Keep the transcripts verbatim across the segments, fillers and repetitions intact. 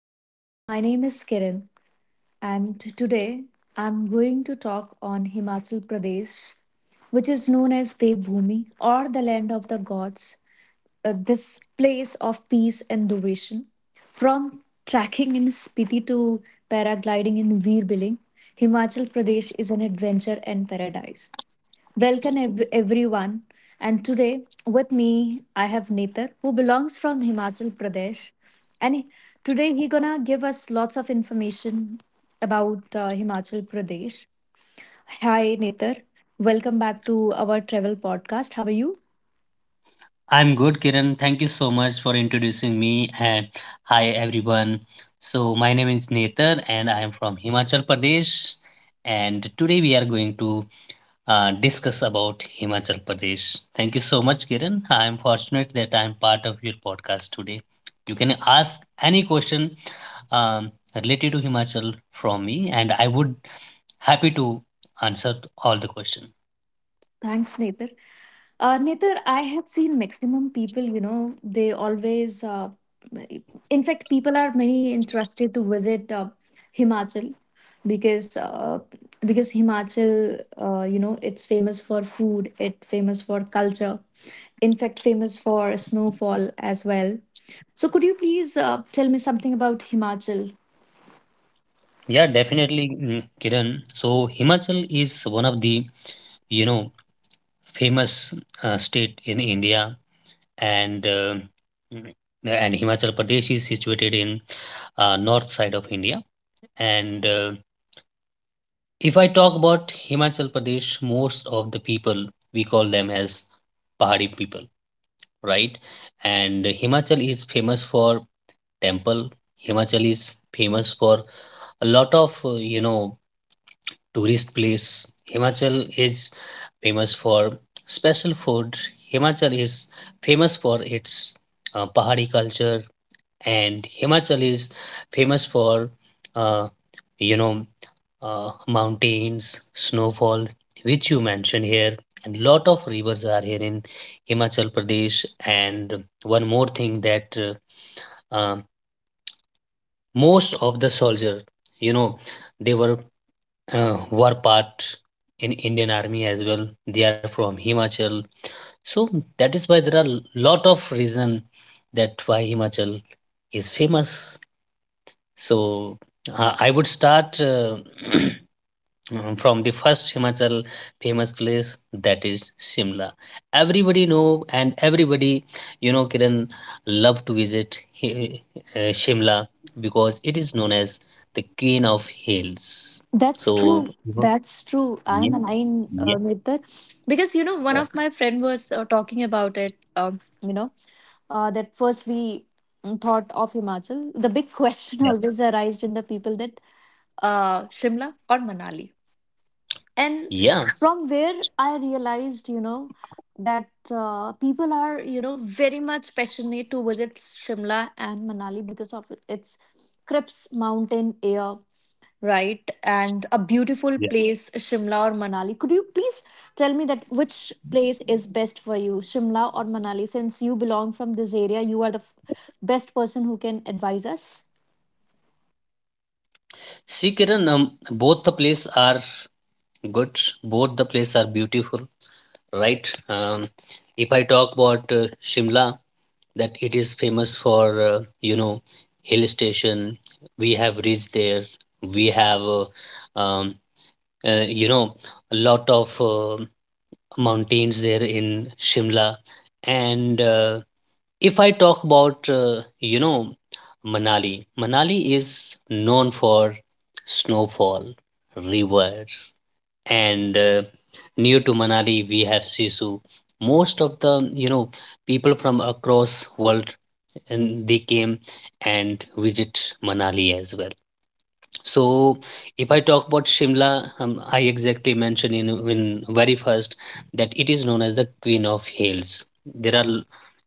everyone. My name is Kiran, and today I'm going to talk on Himachal Pradesh, which is known as Devbhoomi or the land of the gods, uh, this place of peace and devotion. From trekking in Spiti to paragliding in Veerbiling, Himachal Pradesh is an adventure and paradise. Welcome ev- everyone. And today with me I have Netar who belongs from Himachal Pradesh. And he- Today he gonna give us lots of information about uh, Himachal Pradesh. Hi Netar, welcome back to our travel podcast. How are you? I'm good, Kiran. Thank you so much for introducing me. And hi, everyone. So, my name is Nether, and I am from Himachal Pradesh. And today we are going to uh, discuss about Himachal Pradesh. Thank you so much, Kiran. I am fortunate that I am part of your podcast today. You can ask any question um, related to Himachal from me, and I would happy to answer all the question. Thanks, Netar. Uh, Netar, I have seen maximum people, you know, they always, uh, in fact, people are many interested to visit uh, Himachal because uh, because Himachal, uh, you know, it's famous for food, it famous for culture, in fact, famous for snowfall as well. So, could you please uh, tell me something about Himachal? Yeah, definitely, mm, Kiran. So Himachal is one of the you know famous uh, state in India and uh, mm, and Himachal Pradesh is situated in uh, north side of India, and uh, if I talk about Himachal Pradesh, most of the people we call them as Pahari people, right? And Himachal is famous for temple. Himachal is famous for a lot of uh, you know tourist place. Himachal is famous for special food. Himachal is famous for its uh, Pahari culture, and Himachal is famous for uh, you know uh, mountains, snowfall, which you mentioned here, and lot of rivers are here in Himachal Pradesh. And one more thing, that uh, uh, most of the soldiers, you know, they were uh, were part in Indian Army as well. They are from Himachal, so that is why there are lot of reason that why Himachal is famous. So uh, I would start uh, from the first Himachal famous place, that is Shimla. Everybody know, and everybody, you know, Kiran, love to visit Hi- uh, Shimla because it is known as the Queen of Hills. That's So true. That's true. yeah. I'm aligned Yeah. uh, with that because you know one Yeah. of my friend was uh, talking about it. Um, you know uh, that first we mm, thought of Himachal. The big question Yeah. always arised in the people that uh, Shimla or Manali, and Yeah. from where I realized you know that uh, people are you know very much passionate to visit Shimla and Manali because of its Crips mountain air, right? And a beautiful Yeah. place, Shimla or Manali. Could you please tell me that which place is best for you, Shimla or Manali? Since you belong from this area, you are the f- best person who can advise us. See, Kiran, um, both the place are good. Both the place are beautiful, right? Um, if I talk about uh, Shimla, that it is famous for uh, you know hill station. We have reached there. We have uh, um, uh, you know a lot of uh, mountains there in Shimla, and uh, if I talk about, uh, you know, Manali, Manali is known for snowfall, rivers, and uh, near to Manali we have Sisu. Most of the, you know, people from across world, and they came and visit Manali as well. So, if I talk about Shimla, um, I exactly mentioned in, in very first that it is known as the Queen of Hills. There are,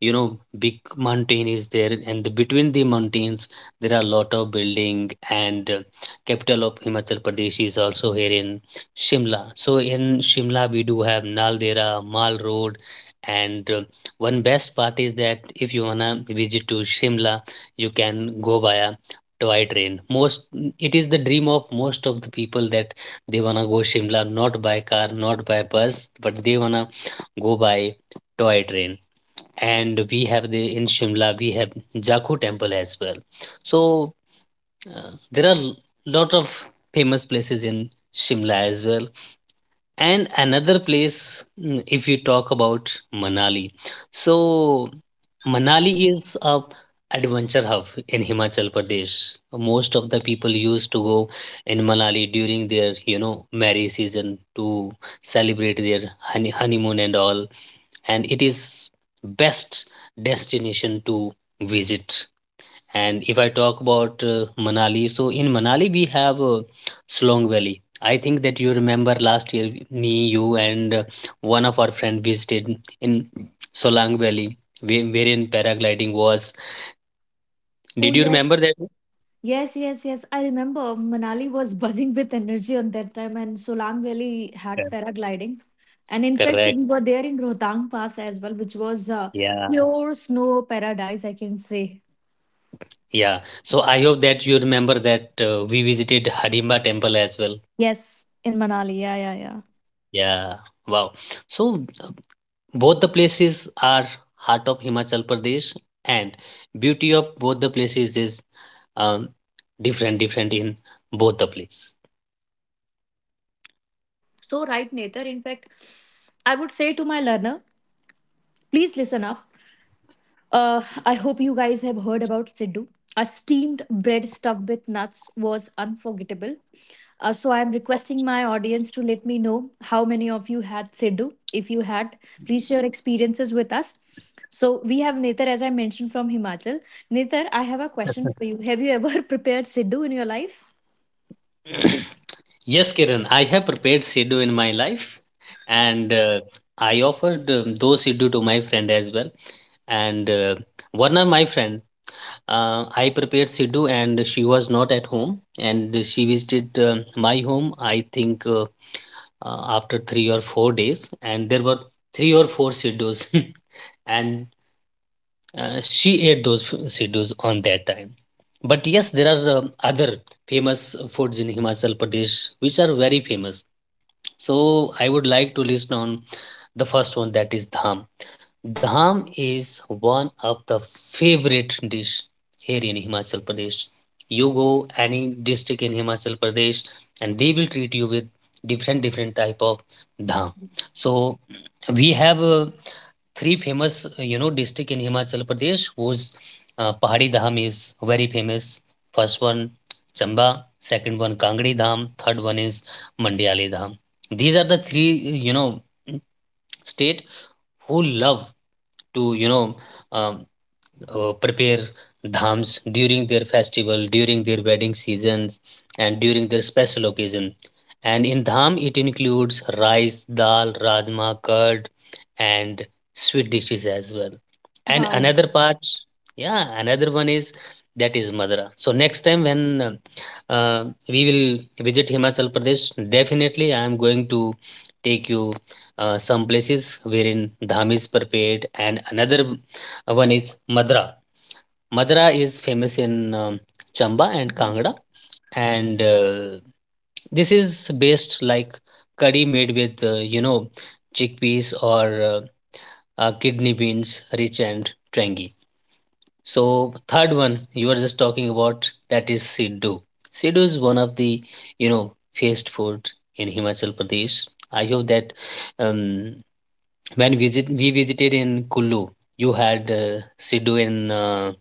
you know, big mountain is there, and the, between the mountains there are a lot of building. And uh, capital of Himachal Pradesh is also here in Shimla. So in Shimla we do have Naldera, Mal Road, and uh, one best part is that if you wanna visit to Shimla, you can go via toy train. Most, it is the dream of most of the people that they wanna go Shimla not by car, not by bus, but they wanna go by toy train. And we have the in Shimla we have Jaku Temple as well. So uh, there are lot of famous places in Shimla as well. And another place, mm, if you talk about Manali, so Manali is a adventure hub in Himachal Pradesh. Most of the people used to go in Manali during their, you know, marriage season to celebrate their honey, honeymoon and all. And it is best destination to visit. And if I talk about uh, Manali, so in Manali we have uh, Slong Valley. I think that you remember last year, me, you, and uh, one of our friend visited in Solang Valley, where- wherein paragliding was. Oh, Did you remember that? yes. Yes, yes, yes. I remember Manali was buzzing with energy on that time, and Solang Valley Yeah. had paragliding. And in fact, we Correct. were there in Rohtang Pass as well, which was uh, Yeah. pure snow paradise, I can say. Yeah. So I hope that you remember that uh, we visited Harimba Temple as well. Yes, in Manali. Yeah, yeah, yeah. Yeah. Wow. So uh, both the places are heart of Himachal Pradesh, and beauty of both the places is, um, different different in both the place. So, right, Nether, in fact, I would say to my learner, please listen up. Uh, I hope you guys have heard about Siddu. A steamed bread stuffed with nuts was unforgettable. Uh, so, I am requesting my audience to let me know how many of you had Siddu. If you had, please share experiences with us. So, we have Nether, as I mentioned, from Himachal. Nether, I have a question for you. Have you ever prepared Siddu in your life? Yes, Kiran, I have prepared Sidhu in my life, and uh, I offered, um, those Sidhu to my friend as well. And uh, one of my friend, uh, I prepared Sidhu, and she was not at home, and she visited uh, my home. I think uh, uh, after three or four days, and there were three or four siddus and Uh, she ate those f- sidus on that time. But yes, there are, um, other famous foods in Himachal Pradesh which are very famous. So I would like to list on the first one, that is dham. Dham is one of the favorite dish here in Himachal Pradesh. You go any district in Himachal Pradesh, and they will treat you with different different type of dham. So we have uh, three famous, uh, you know district in Himachal Pradesh whose uh, Pahari Dham is very famous. First one Chamba, second one Kangri Dham, third one is Mandiali Dham. These are the three, you know, state who love to, you know, um, uh, prepare dhams during their festival, during their wedding seasons, and during their special occasion. And in dham, it includes rice, dal, rajma, curd, and sweet dishes as well. And Wow. another part, yeah, another one is that is Madura. So next time when uh, uh, we will visit Himachal Pradesh, definitely I am going to take you uh, some places wherein dham is prepared, and another one is Madura. Madra is famous in, um, Chamba and Kangra, and uh, this is based like curry made with uh, you know chickpeas or uh, uh, kidney beans, rich and tangy. So third one you were just talking about, that is Siddu. Siddu is one of the, you know, fast food in Himachal Pradesh. I hope that, um, when visit we visited in Kullu, you had uh, Siddu in. Uh,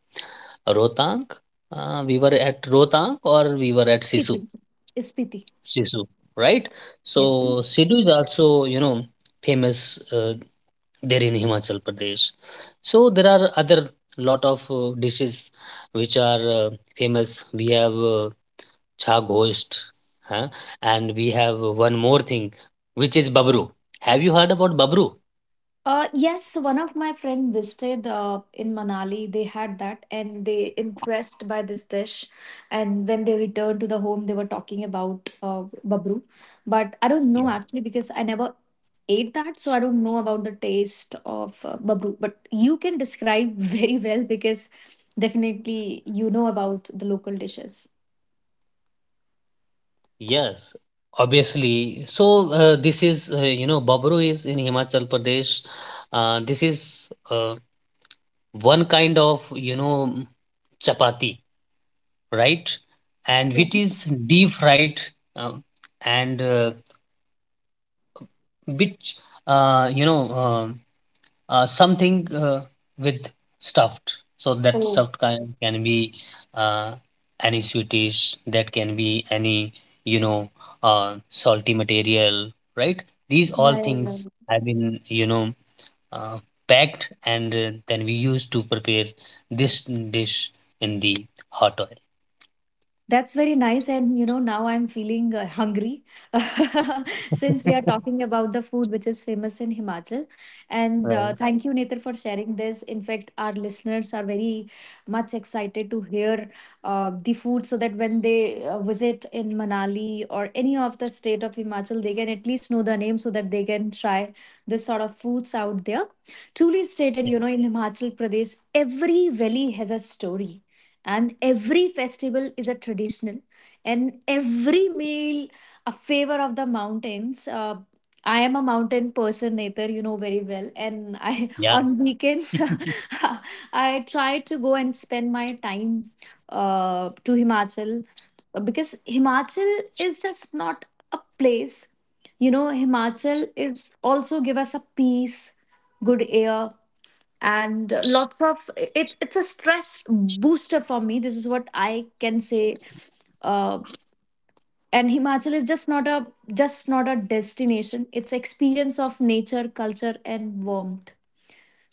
Rohtang. Uh, we were at Rohtang, or we were at Sisu. Spiti. Spiti. Sisu, right? Yes. So Sidhu is also, you know, famous uh, there in Himachal Pradesh. So there are other lot of uh, dishes which are uh, famous. We have uh, chha ghost, huh? And we have one more thing, which is babru. Have you heard about babru? Uh, yes, so one of my friend visited uh, in Manali. They had that, and they impressed by this dish. And when they returned to the home, they were talking about uh, babru. But I don't know actually because I never ate that, so I don't know about the taste of uh, babru. But you can describe very well because definitely you know about the local dishes. Yes, obviously. So uh, this is, uh, you know, Babru is in Himachal Pradesh. Uh, this is uh, one kind of, you know, mm, chapati, right? And which Yes. is deep fried, um, and uh, which, uh, you know, um, uh, something uh, with stuffed. So that Oh, stuffed kind can be uh, any sweetish, that can be any, you know, uh, salty material, right? These all yeah, yeah, yeah. things have been, you know, uh, packed, and uh, then we use to prepare this dish in the hot oil. That's very nice. And, you know, now I'm feeling uh, hungry since we are talking about the food which is famous in Himachal. And uh, Right. thank you, Netar, for sharing this. In fact, our listeners are very much excited to hear uh, the food so that when they uh, visit in Manali or any of the state of Himachal, they can at least know the name so that they can try this sort of foods out there. Truly stated, you know, in Himachal Pradesh, every valley has a story and every festival is a traditional and every meal a favor of the mountains. uh, I am a mountain person, Nether, you know very well, and I Yeah, on weekends I try to go and spend my time uh, to Himachal, because Himachal is just not a place, you know, Himachal is also give us a peace, good air, and lots of it's it's a stress booster for me. This is what I can say. uh, and Himachal is just not a just not a destination, it's experience of nature, culture, and warmth.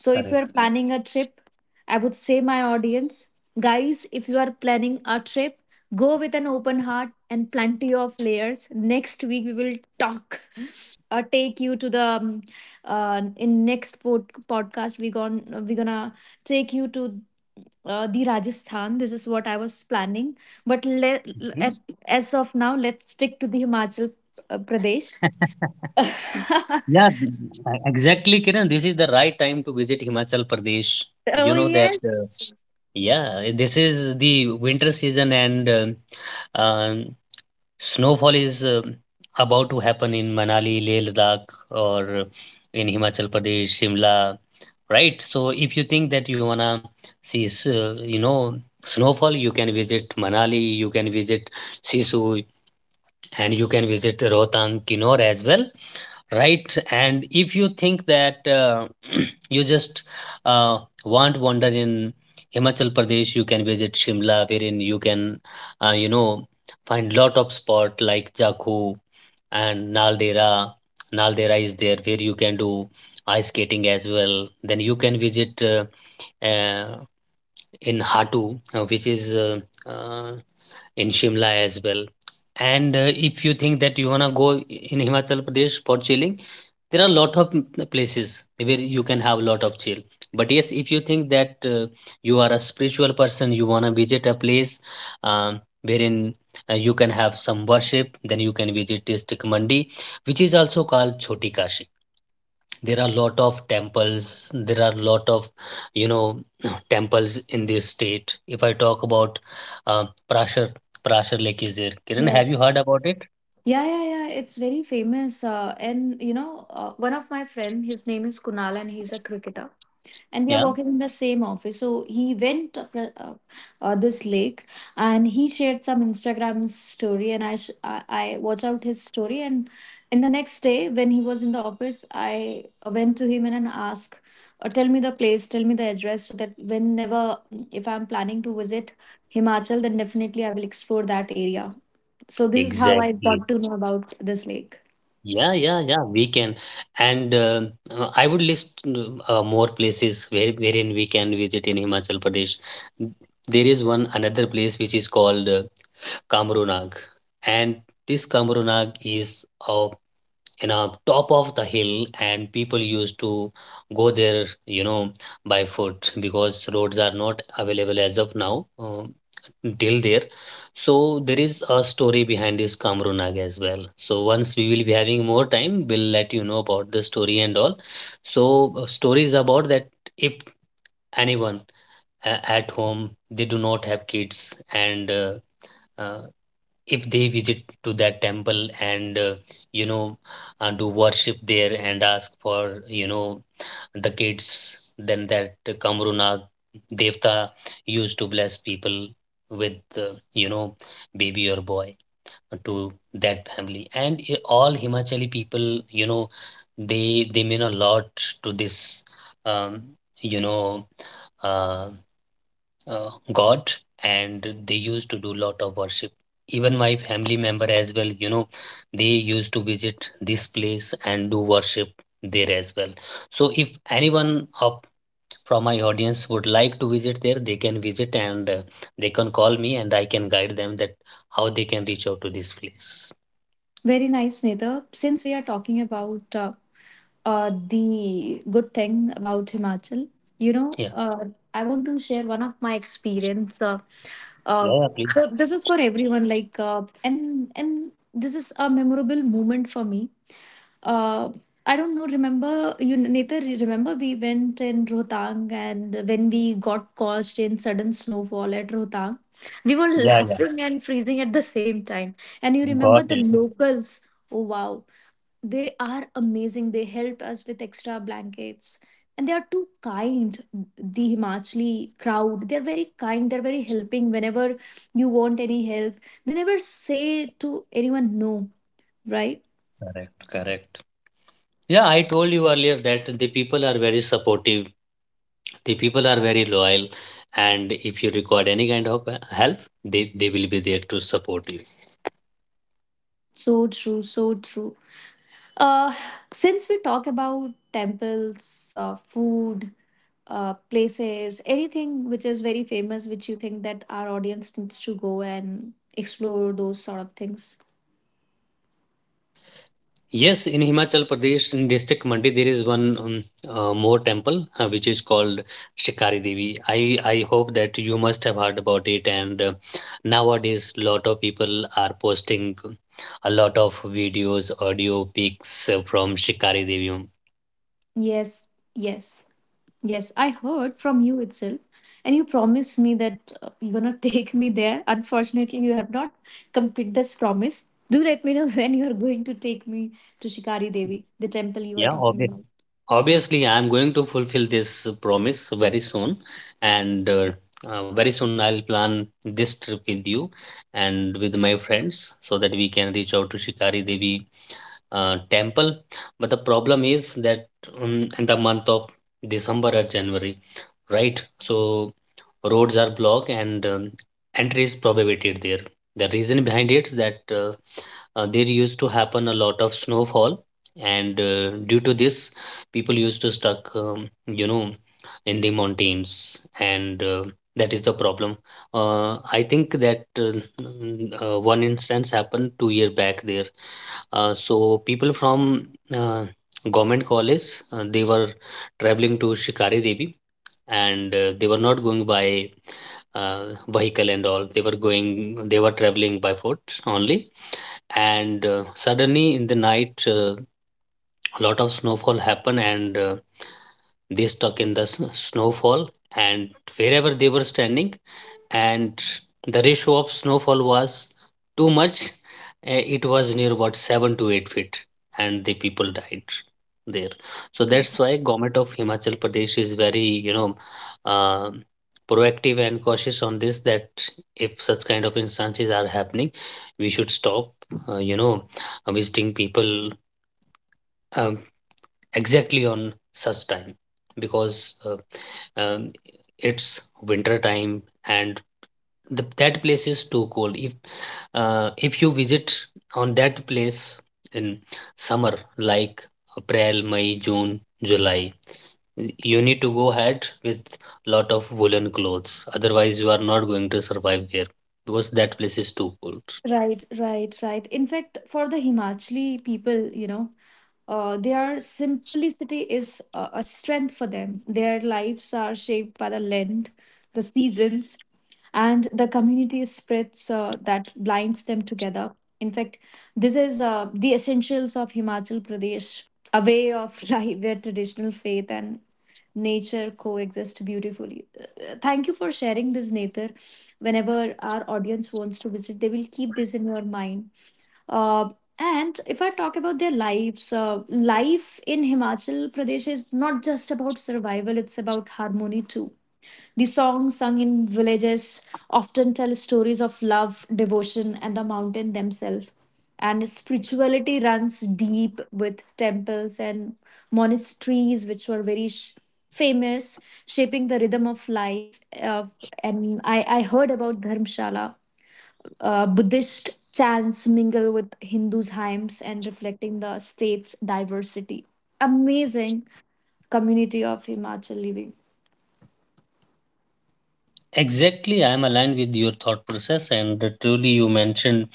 So if you're Correct. planning a trip, I would say my audience, guys, if you are planning a trip, go with an open heart and plenty of layers. Next week we will talk or take you to the um, uh, in next pod- podcast we gon we're gonna take you to uh, the Rajasthan. This is what I was planning, but let at, as of now, let's stick to the Himachal uh, Pradesh. Yeah, th- e- exactly, Kiran. This is the right time to visit Himachal Pradesh. Oh You know that, uh, yes, yeah, this is the winter season, and uh, uh, snowfall is uh, about to happen in Manali, Leh Ladakh, or in Himachal Pradesh, Shimla, right? So if you think that you wanna see, s- uh, you know, snowfall, you can visit Manali, you can visit Sisu, and you can visit Rohtang, Kinnaur as well, right? And if you think that uh, you just uh, want wander in Himachal Pradesh, you can visit Shimla, wherein you can uh, you know find lot of spot like jakhu and naldera. Naldera is there where you can do ice skating as well. Then you can visit uh, uh, in hatu, uh, which is uh, uh, in Shimla as well. And uh, if you think that you wanna go in Himachal Pradesh for chilling, there are a lot of places where you can have a lot of chill. But yes, if you think that uh, you are a spiritual person, you wanna visit a place, um, wherein uh, you can have some worship, then you can visit district Mandi, which is also called Choti Kashi. There are a lot of temples. There are a lot of, you know, temples in this state. If I talk about uh, Prashar, Prashar Lake is there. Kiran, have you yes. heard about it? Yeah, yeah, yeah. It's very famous. Uh, and you know, uh, one of my friend, his name is Kunal, and he's a cricketer and we are Yeah, working in the same office, so he went up, uh, uh, this lake, and he shared some Instagram story, and I sh- I I watch out his story, and in the next day when he was in the office, I uh, went to him and and asked uh, tell me the place, tell me the address, so that whenever mm, if I'm planning to visit Himachal, then definitely I will explore that area. So this is how I exactly. got to know about this lake. Yeah, yeah, yeah. We can, and uh, uh, I would list uh, more places where wherein we can visit in Himachal Pradesh. There is one another place which is called uh, Kamrunag, and this Kamrunag is a in a top of the hill, and people used to go there you know by foot because roads are not available as of now uh, till there. So there is a story behind this Kamrunag as well. So once we will be having more time, we'll let you know about the story and all. So uh, stories about that, if anyone uh, at home they do not have kids, and uh, uh, if they visit to that temple and uh, you know uh, do worship there and ask for you know the kids, then that Kamrunag devta used to bless people with uh, you know baby or boy to that family. And i- all Himachali people, you know they they mean a lot to this um, you know uh, uh, god, and they used to do lot of worship. Even my family member as well, you know they used to visit this place and do worship there as well. So if anyone up from my audience would like to visit there, they can visit, and uh, they can call me, and I can guide them that how they can reach out to this place. Very nice, Nitha. Since we are talking about uh, uh, the good thing about Himachal. You know, Yeah, uh, I want to share one of my experience. Uh, uh, yeah, yeah, please. so this is for everyone. Like, uh, and and this is a memorable moment for me. Uh, I don't know. Remember you, Nether? Remember we went in Rohtang, and when we got caught in sudden snowfall at Rohtang, we were Yeah, laughing and freezing at the same time. And you yeah, remember got the it. locals? Oh wow! They are amazing. They helped us with extra blankets. And they are too kind, the Himachali crowd. They're very kind, they're very helping. Whenever you want any help, they never say to anyone no, right? Correct, correct. Yeah, I told you earlier that the people are very supportive, the people are very loyal, and if you require any kind of uh, help, they, they will be there to support you. So true, so true. Uh, since we talk about temples, uh, food, uh, places, anything which is very famous, which you think that our audience needs to go and explore those sort of things. Yes, in Himachal Pradesh, in district Mandi, there is one um, uh, more temple uh, which is called Shikari Devi. I i hope that you must have heard about it, and uh, nowadays lot of people are posting a lot of videos, audio, pics, uh, from Shikari Devi. Yes, yes. Yes, I heard from you itself, and you promised me that uh, you're gonna take me there. Unfortunately, you have not completed this promise. Do let me know when you are going to take me to Shikari Devi, the temple you are Yeah, obvious. talking Obviously, I'm going to fulfill this promise very soon, and uh, uh, very soon I'll plan this trip with you and with my friends, so that we can reach out to Shikari Devi uh, temple. But the problem is that, um, in the month of December or January, right? So roads are blocked, and um, entry is prohibited there. The reason behind it that uh, uh, there used to happen a lot of snowfall, and uh, due to this, people used to stuck um, you know in the mountains, and uh, that is the problem. uh, I think that uh, n- uh, one instance happened two year back there. Uh, so people from uh, government college, uh, they were traveling to Shikari Devi, and uh, they were not going by uh, vehicle and all, they were going they were traveling by foot only. And uh, suddenly in the night, uh, a lot of snowfall happened, and uh, they stuck in the s- snowfall, and wherever they were standing, and the ratio of snowfall was too much. Eh, it was near about seven to eight feet, and the people died there. So about. that's why government of Himachal Pradesh is very you know uh, proactive and cautious on this, that if such kind of instances are happening, we should stop uh, you know uh, visiting people um, exactly on such time, because uh, um, it's winter time, and the, that place is too cold. If uh, if you visit on that place in summer like April, May, June, July, you need to go ahead with lot of woolen clothes, otherwise you are not going to survive there, because that place is too cold. Right, right, right. In fact, for the Himachali people, you know, uh, their simplicity is a, a strength for them. Their lives are shaped by the land, the seasons, and the community spirits uh, that blinds them together. In fact, this is uh, the essentials of Himachal Pradesh, a way of life where traditional faith and nature coexist beautifully. Uh, Thank you for sharing this, Nether. Whenever our audience wants to visit, they will keep this in your mind. Uh, and if I talk about their lives, uh, life in Himachal Pradesh is not just about survival, it's about harmony too. The songs sung in villages often tell stories of love, devotion, and the mountain themselves. And spirituality runs deep with temples and monasteries, which were very sh- famous, shaping the rhythm of life. Uh, and I, I heard about Dharmshala. Uh, Buddhist chants mingle with Hindus' hymns and reflecting the state's diversity. Amazing community of Himachal living. Exactly, I am aligned with your thought process, and the truly you mentioned,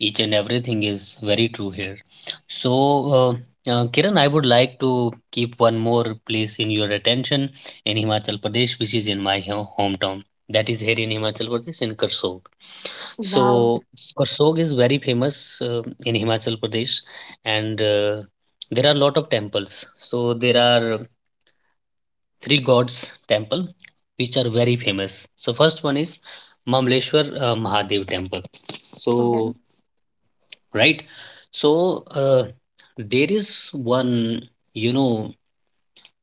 each and everything is very true here. So, uh, uh, Kiran, I would like to keep one more place in your attention in Himachal Pradesh, which is in my ho- hometown. That is here in Himachal Pradesh in Karsog. Wow. So Karsog is very famous uh, in Himachal Pradesh, and uh, there are a lot of temples. So there are three gods temple which are very famous. So first one is Mamleshwar uh, Mahadev temple. Okay. So right. So uh, there is one, you know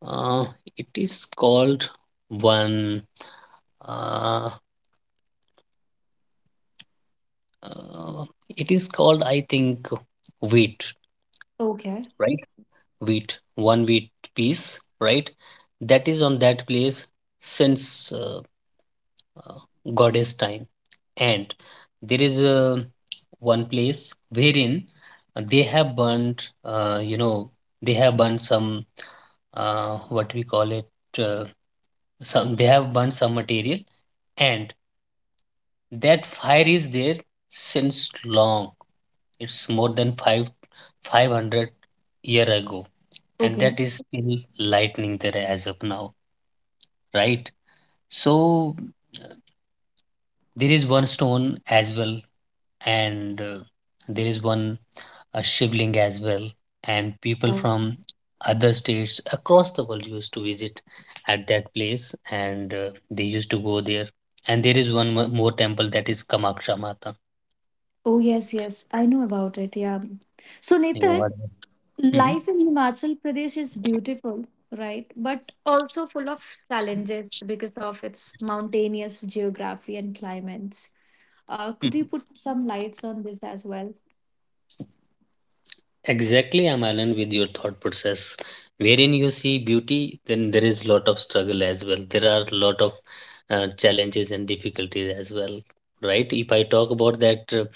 uh, it is called one, uh, uh, it is called, I think, wheat, Okay. right? Wheat, one wheat piece, right, that is on that place since uh, uh, goddess time. And there is uh, one place wherein they have burnt, uh, you know, they have burnt some, uh, what we call it, uh, some, they have burnt some material, and that fire is there since long. It's more than five, 500 year ago, and Okay. that is still lightning there as of now, right? So there is one stone as well, and uh, there is one a shivling as well, and people Uh, from other states across the world used to visit at that place, and uh, they used to go there. And there is one mo- more temple that is Kamaksha Mata. oh yes, yes. I know about it. Yeah. So You Nitar, heard? Mm-hmm. life in Himachal Pradesh is beautiful, right? But also full of challenges because of its mountainous geography and climates. Uh, could you put some lights on this as well? Exactly, I'm aligned with your thought process. Wherein you see beauty, then there is lot of struggle as well. There are lot of uh, challenges and difficulties as well, right? If I talk about that, uh,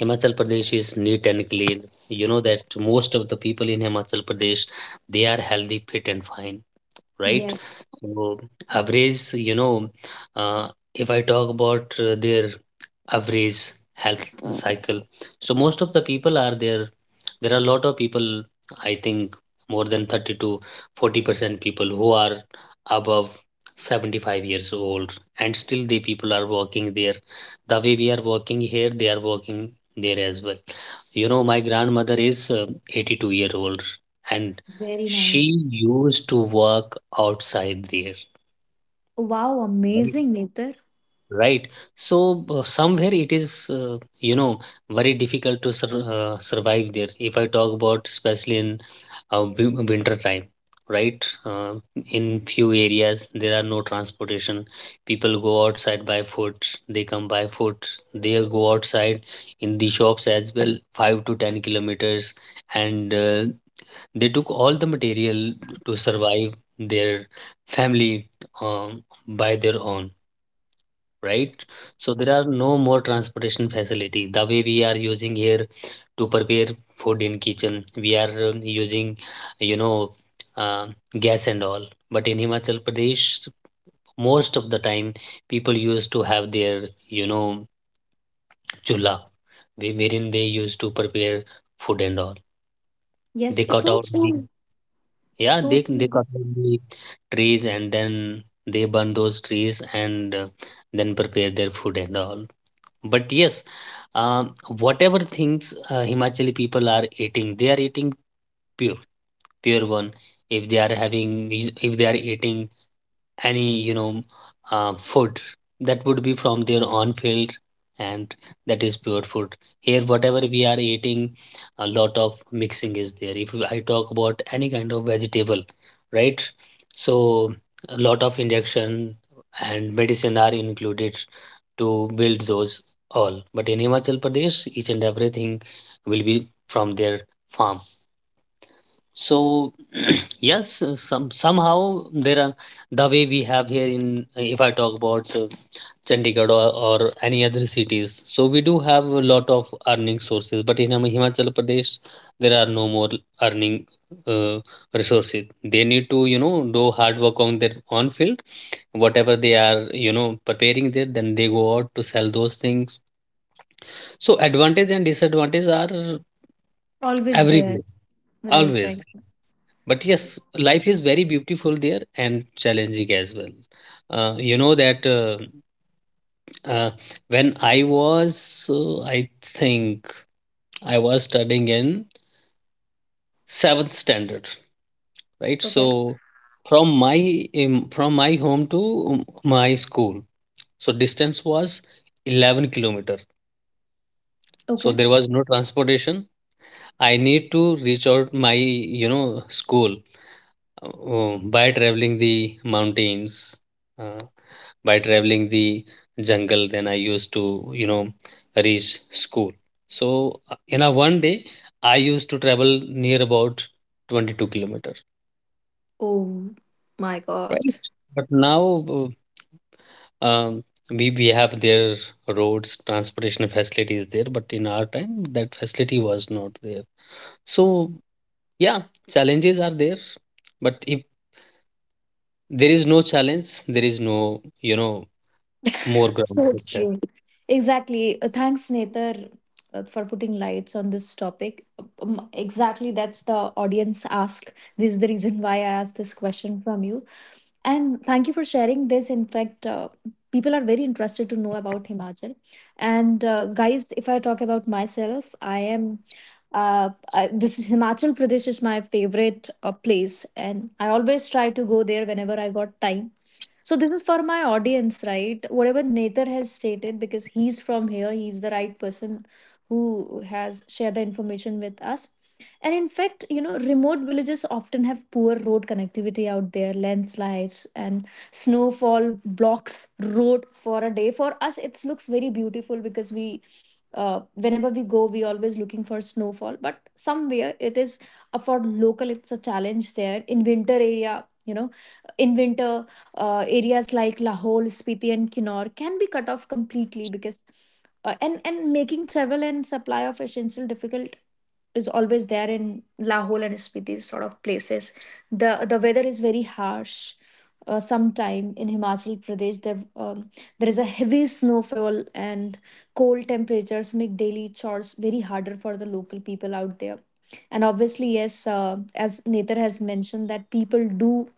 Himachal Pradesh is neat and clean. You know that most of the people in Himachal Pradesh, they are healthy, fit, and fine, right? Yes. So average, you know, uh, if I talk about uh, their average health cycle, so most of the people are there. There are a lot of people, I think more than thirty to forty percent people who are above seventy-five years old, and still the people are working there. The way we are working here, they are working there as well. You know, my grandmother is uh, eighty-two year old, and Very she nice. used to work outside there, Wow, right? amazing, Nitar. Right. So uh, somewhere it is, uh, you know, very difficult to sur uh, survive there. If I talk about, especially in uh, win- winter time, right? Uh, in few areas there are no transportation. People go outside by foot. They come by foot. They go outside in the shops as well, five to ten kilometers, and uh, they took all the material to survive their family um, by their own, right? So there are no more transportation facility. The way we are using here to prepare food in kitchen, we are um, using, you know, uh, gas and all. But in Himachal Pradesh, most of the time people used to have their, you know, chula, whe- wherein they used to prepare food and all. Yes, They it's cut so out the true. Yeah, So they they true. cut down the trees, and then they burn those trees, and uh, then prepare their food and all. But yes, um, whatever things uh, Himachali people are eating, they are eating pure pure one. If they are having, is- if they are eating any you know uh, food, that would be from their own field, and that is pure food. Here, whatever we are eating, a lot of mixing is there. If I talk about any kind of vegetable, right? So a lot of injection and medicine are included to build those all. But in Himachal Pradesh, each and everything will be from their farm. So yes, uh, some somehow there are the way we have here in, if I talk about uh, Chandigarh, or, or any other cities. So we do have a lot of earning sources, but in Him- Himachal Pradesh there are no more earning uh, resources. They need to you know do hard work on their own field. Whatever they are you know preparing there, then they go out to sell those things. So advantage and disadvantage are Always there. everywhere Right, always. right. But yes, life is very beautiful there and challenging as well. Uh, you know that, uh, uh, when i was uh, I think I was studying in seventh standard, right? Okay. So from my um, from my home to um, my school, so distance was eleven kilometer. So Okay. there was no transportation. I need to reach out my you know school, uh, by traveling the mountains, uh, by traveling the jungle, than I used to, you know, reach school. So uh, in a one day, I used to travel near about twenty-two kilometer, Oh my right? God. But now uh, um, we we have their roads, transportation facilities there, but in our time that facility was not there. So yeah, challenges are there, but if there is no challenge, there is no, you know, more ground So success. true. Exactly. Uh, thanks, Nether, uh, for putting lights on this topic. Um, exactly. That's the audience ask. This is the reason why I asked this question from you. And thank you for sharing this. In fact, uh, people are very interested to know about Himachal. And uh, guys, if I talk about myself, I am. Uh, uh, this is Himachal Pradesh is my favorite uh, place, and I always try to go there whenever I got time. So this is for my audience, right? Whatever Nether has stated, because he's from here, he's the right person who has shared the information with us. And in fact, you know, remote villages often have poor road connectivity out there. Landslides and snowfall blocks road for a day. For us, it looks very beautiful because we, uh, whenever we go, we always looking for snowfall. But somewhere it is uh, for local, it's a challenge there. In winter area, you know, in winter uh, areas like Lahore, Spiti, and Kinnaur can be cut off completely because uh, and and making travel and supply of essential difficult is always there in Lahore and Spiti sort of places. the The weather is very harsh. Uh, sometime in Himachal Pradesh, there um, there is a heavy snowfall and cold temperatures make daily chores very harder for the local people out there. And obviously, yes, uh, as Nether has mentioned, that people do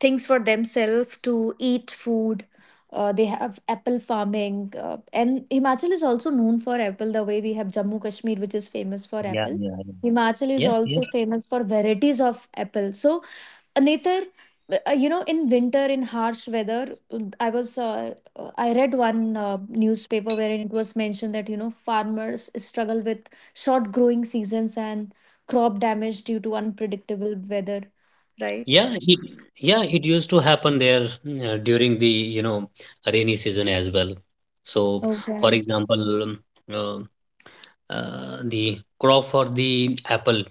things for themselves to eat food. Uh, they have apple farming, uh, and Himachal is also known for apple. The way we have Jammu Kashmir, which is famous for Yeah, apple, yeah, Himachal yeah. is Yes, also famous for varieties of apple. So, Nether, uh, you know, in winter, in harsh weather, I was uh, I read one uh, newspaper wherein it was mentioned that you know farmers struggle with short growing seasons and crop damage due to unpredictable weather, right? yeah, it, yeah, it used to happen there, mm, uh, during the, you know, rainy season as well. So, for Okay. example, um, uh, uh, the crop for the apple,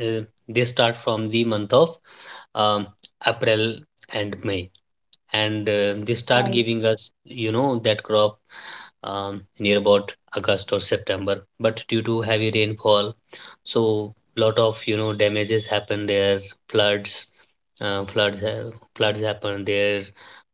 uh, they start from the month of um, April and May, and uh, they start Right. giving us, you know, that crop um, near about August or September. But due to heavy rainfall, so lot of you know damages happen there, floods, uh, floods, ha- floods happen there,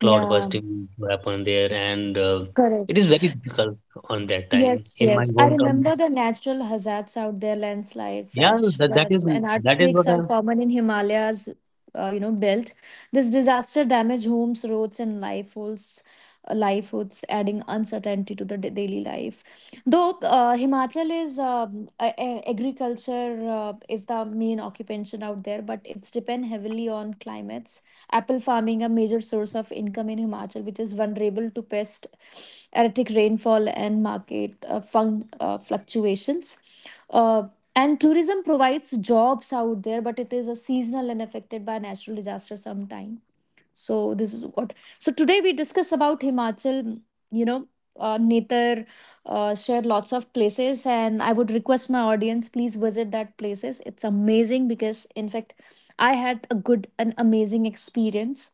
cloud Yeah, busting happen there, and uh, it is very correct. difficult on that time Yes, in my yes. I hometown. remember the natural hazards out there, landslide, Yeah, flash that, that is floods, and that is earthquakes what I. are common in Himalayas, uh, you know, belt. This disaster damage homes, roads, and livelihoods, uh, livelihoods, adding uncertainty to the da- daily life. Though uh, Himachal is um, a- a- agriculture uh, is the main occupation out there, but it's depend heavily on climates. Apple farming, a major source of income in Himachal, which is vulnerable to pest, erratic rainfall, and market uh, fun- uh, fluctuations. Uh, and tourism provides jobs out there, but it is a seasonal and affected by natural disaster sometime. So this is what. So today we discuss about Himachal. You know, uh, Netar uh, share lots of places, and I would request my audience please visit that places. It's amazing because in fact I had a good and amazing experience.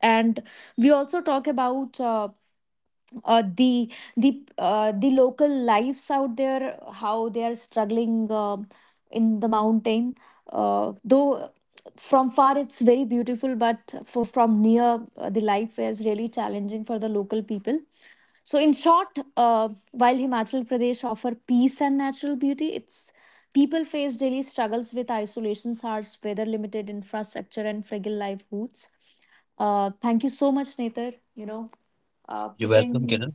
And we also talk about uh, uh, the the uh, the local lives out there, how they are struggling, um in the mountain, uh, though from far it's very beautiful, but for from near, uh, the life is really challenging for the local people. So in short, uh, while Himachal Pradesh offer peace and natural beauty, its people face daily struggles with isolation, harsh weather, limited infrastructure, and fragile livelihoods. Uh, thank you so much, Nether. You know, uh, You're welcome, putting Kiran.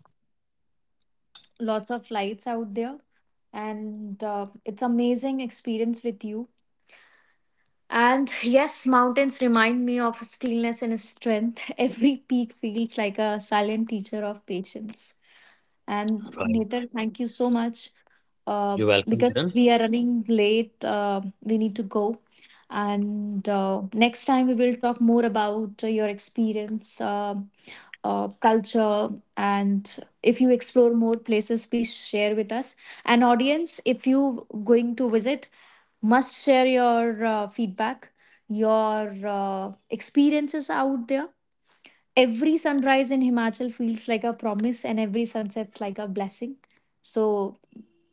lots of lights out there, and uh, it's amazing experience with you. And yes, mountains remind me of stillness and strength. Every peak feels like a silent teacher of patience. And Right. Nathar, thank you so much, uh, You're welcome, because Kiran. we are running late. Uh, we need to go. And uh, next time we will talk more about uh, your experience, uh, uh, culture, and if you explore more places, please share with us. And audience, if you going to visit, must share your uh, feedback, your uh, experiences out there. Every sunrise in Himachal feels like a promise, and every sunset's like a blessing. So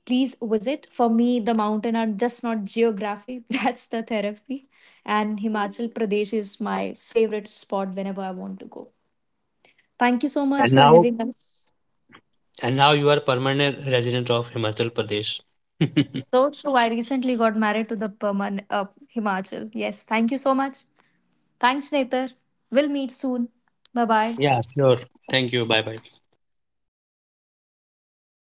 please visit. For me, the mountain are just not geography, that's the therapy. And Himachal Pradesh is my favorite spot whenever I want to go. Thank you so And much for now, having us. and now you are permanent resident of Himachal Pradesh. So true. I recently got married to the Perman uh, Himachal. Yes, thank you so much. Thanks, Nether. We'll meet soon. Bye bye. Yeah, sure. Thank you. Bye bye.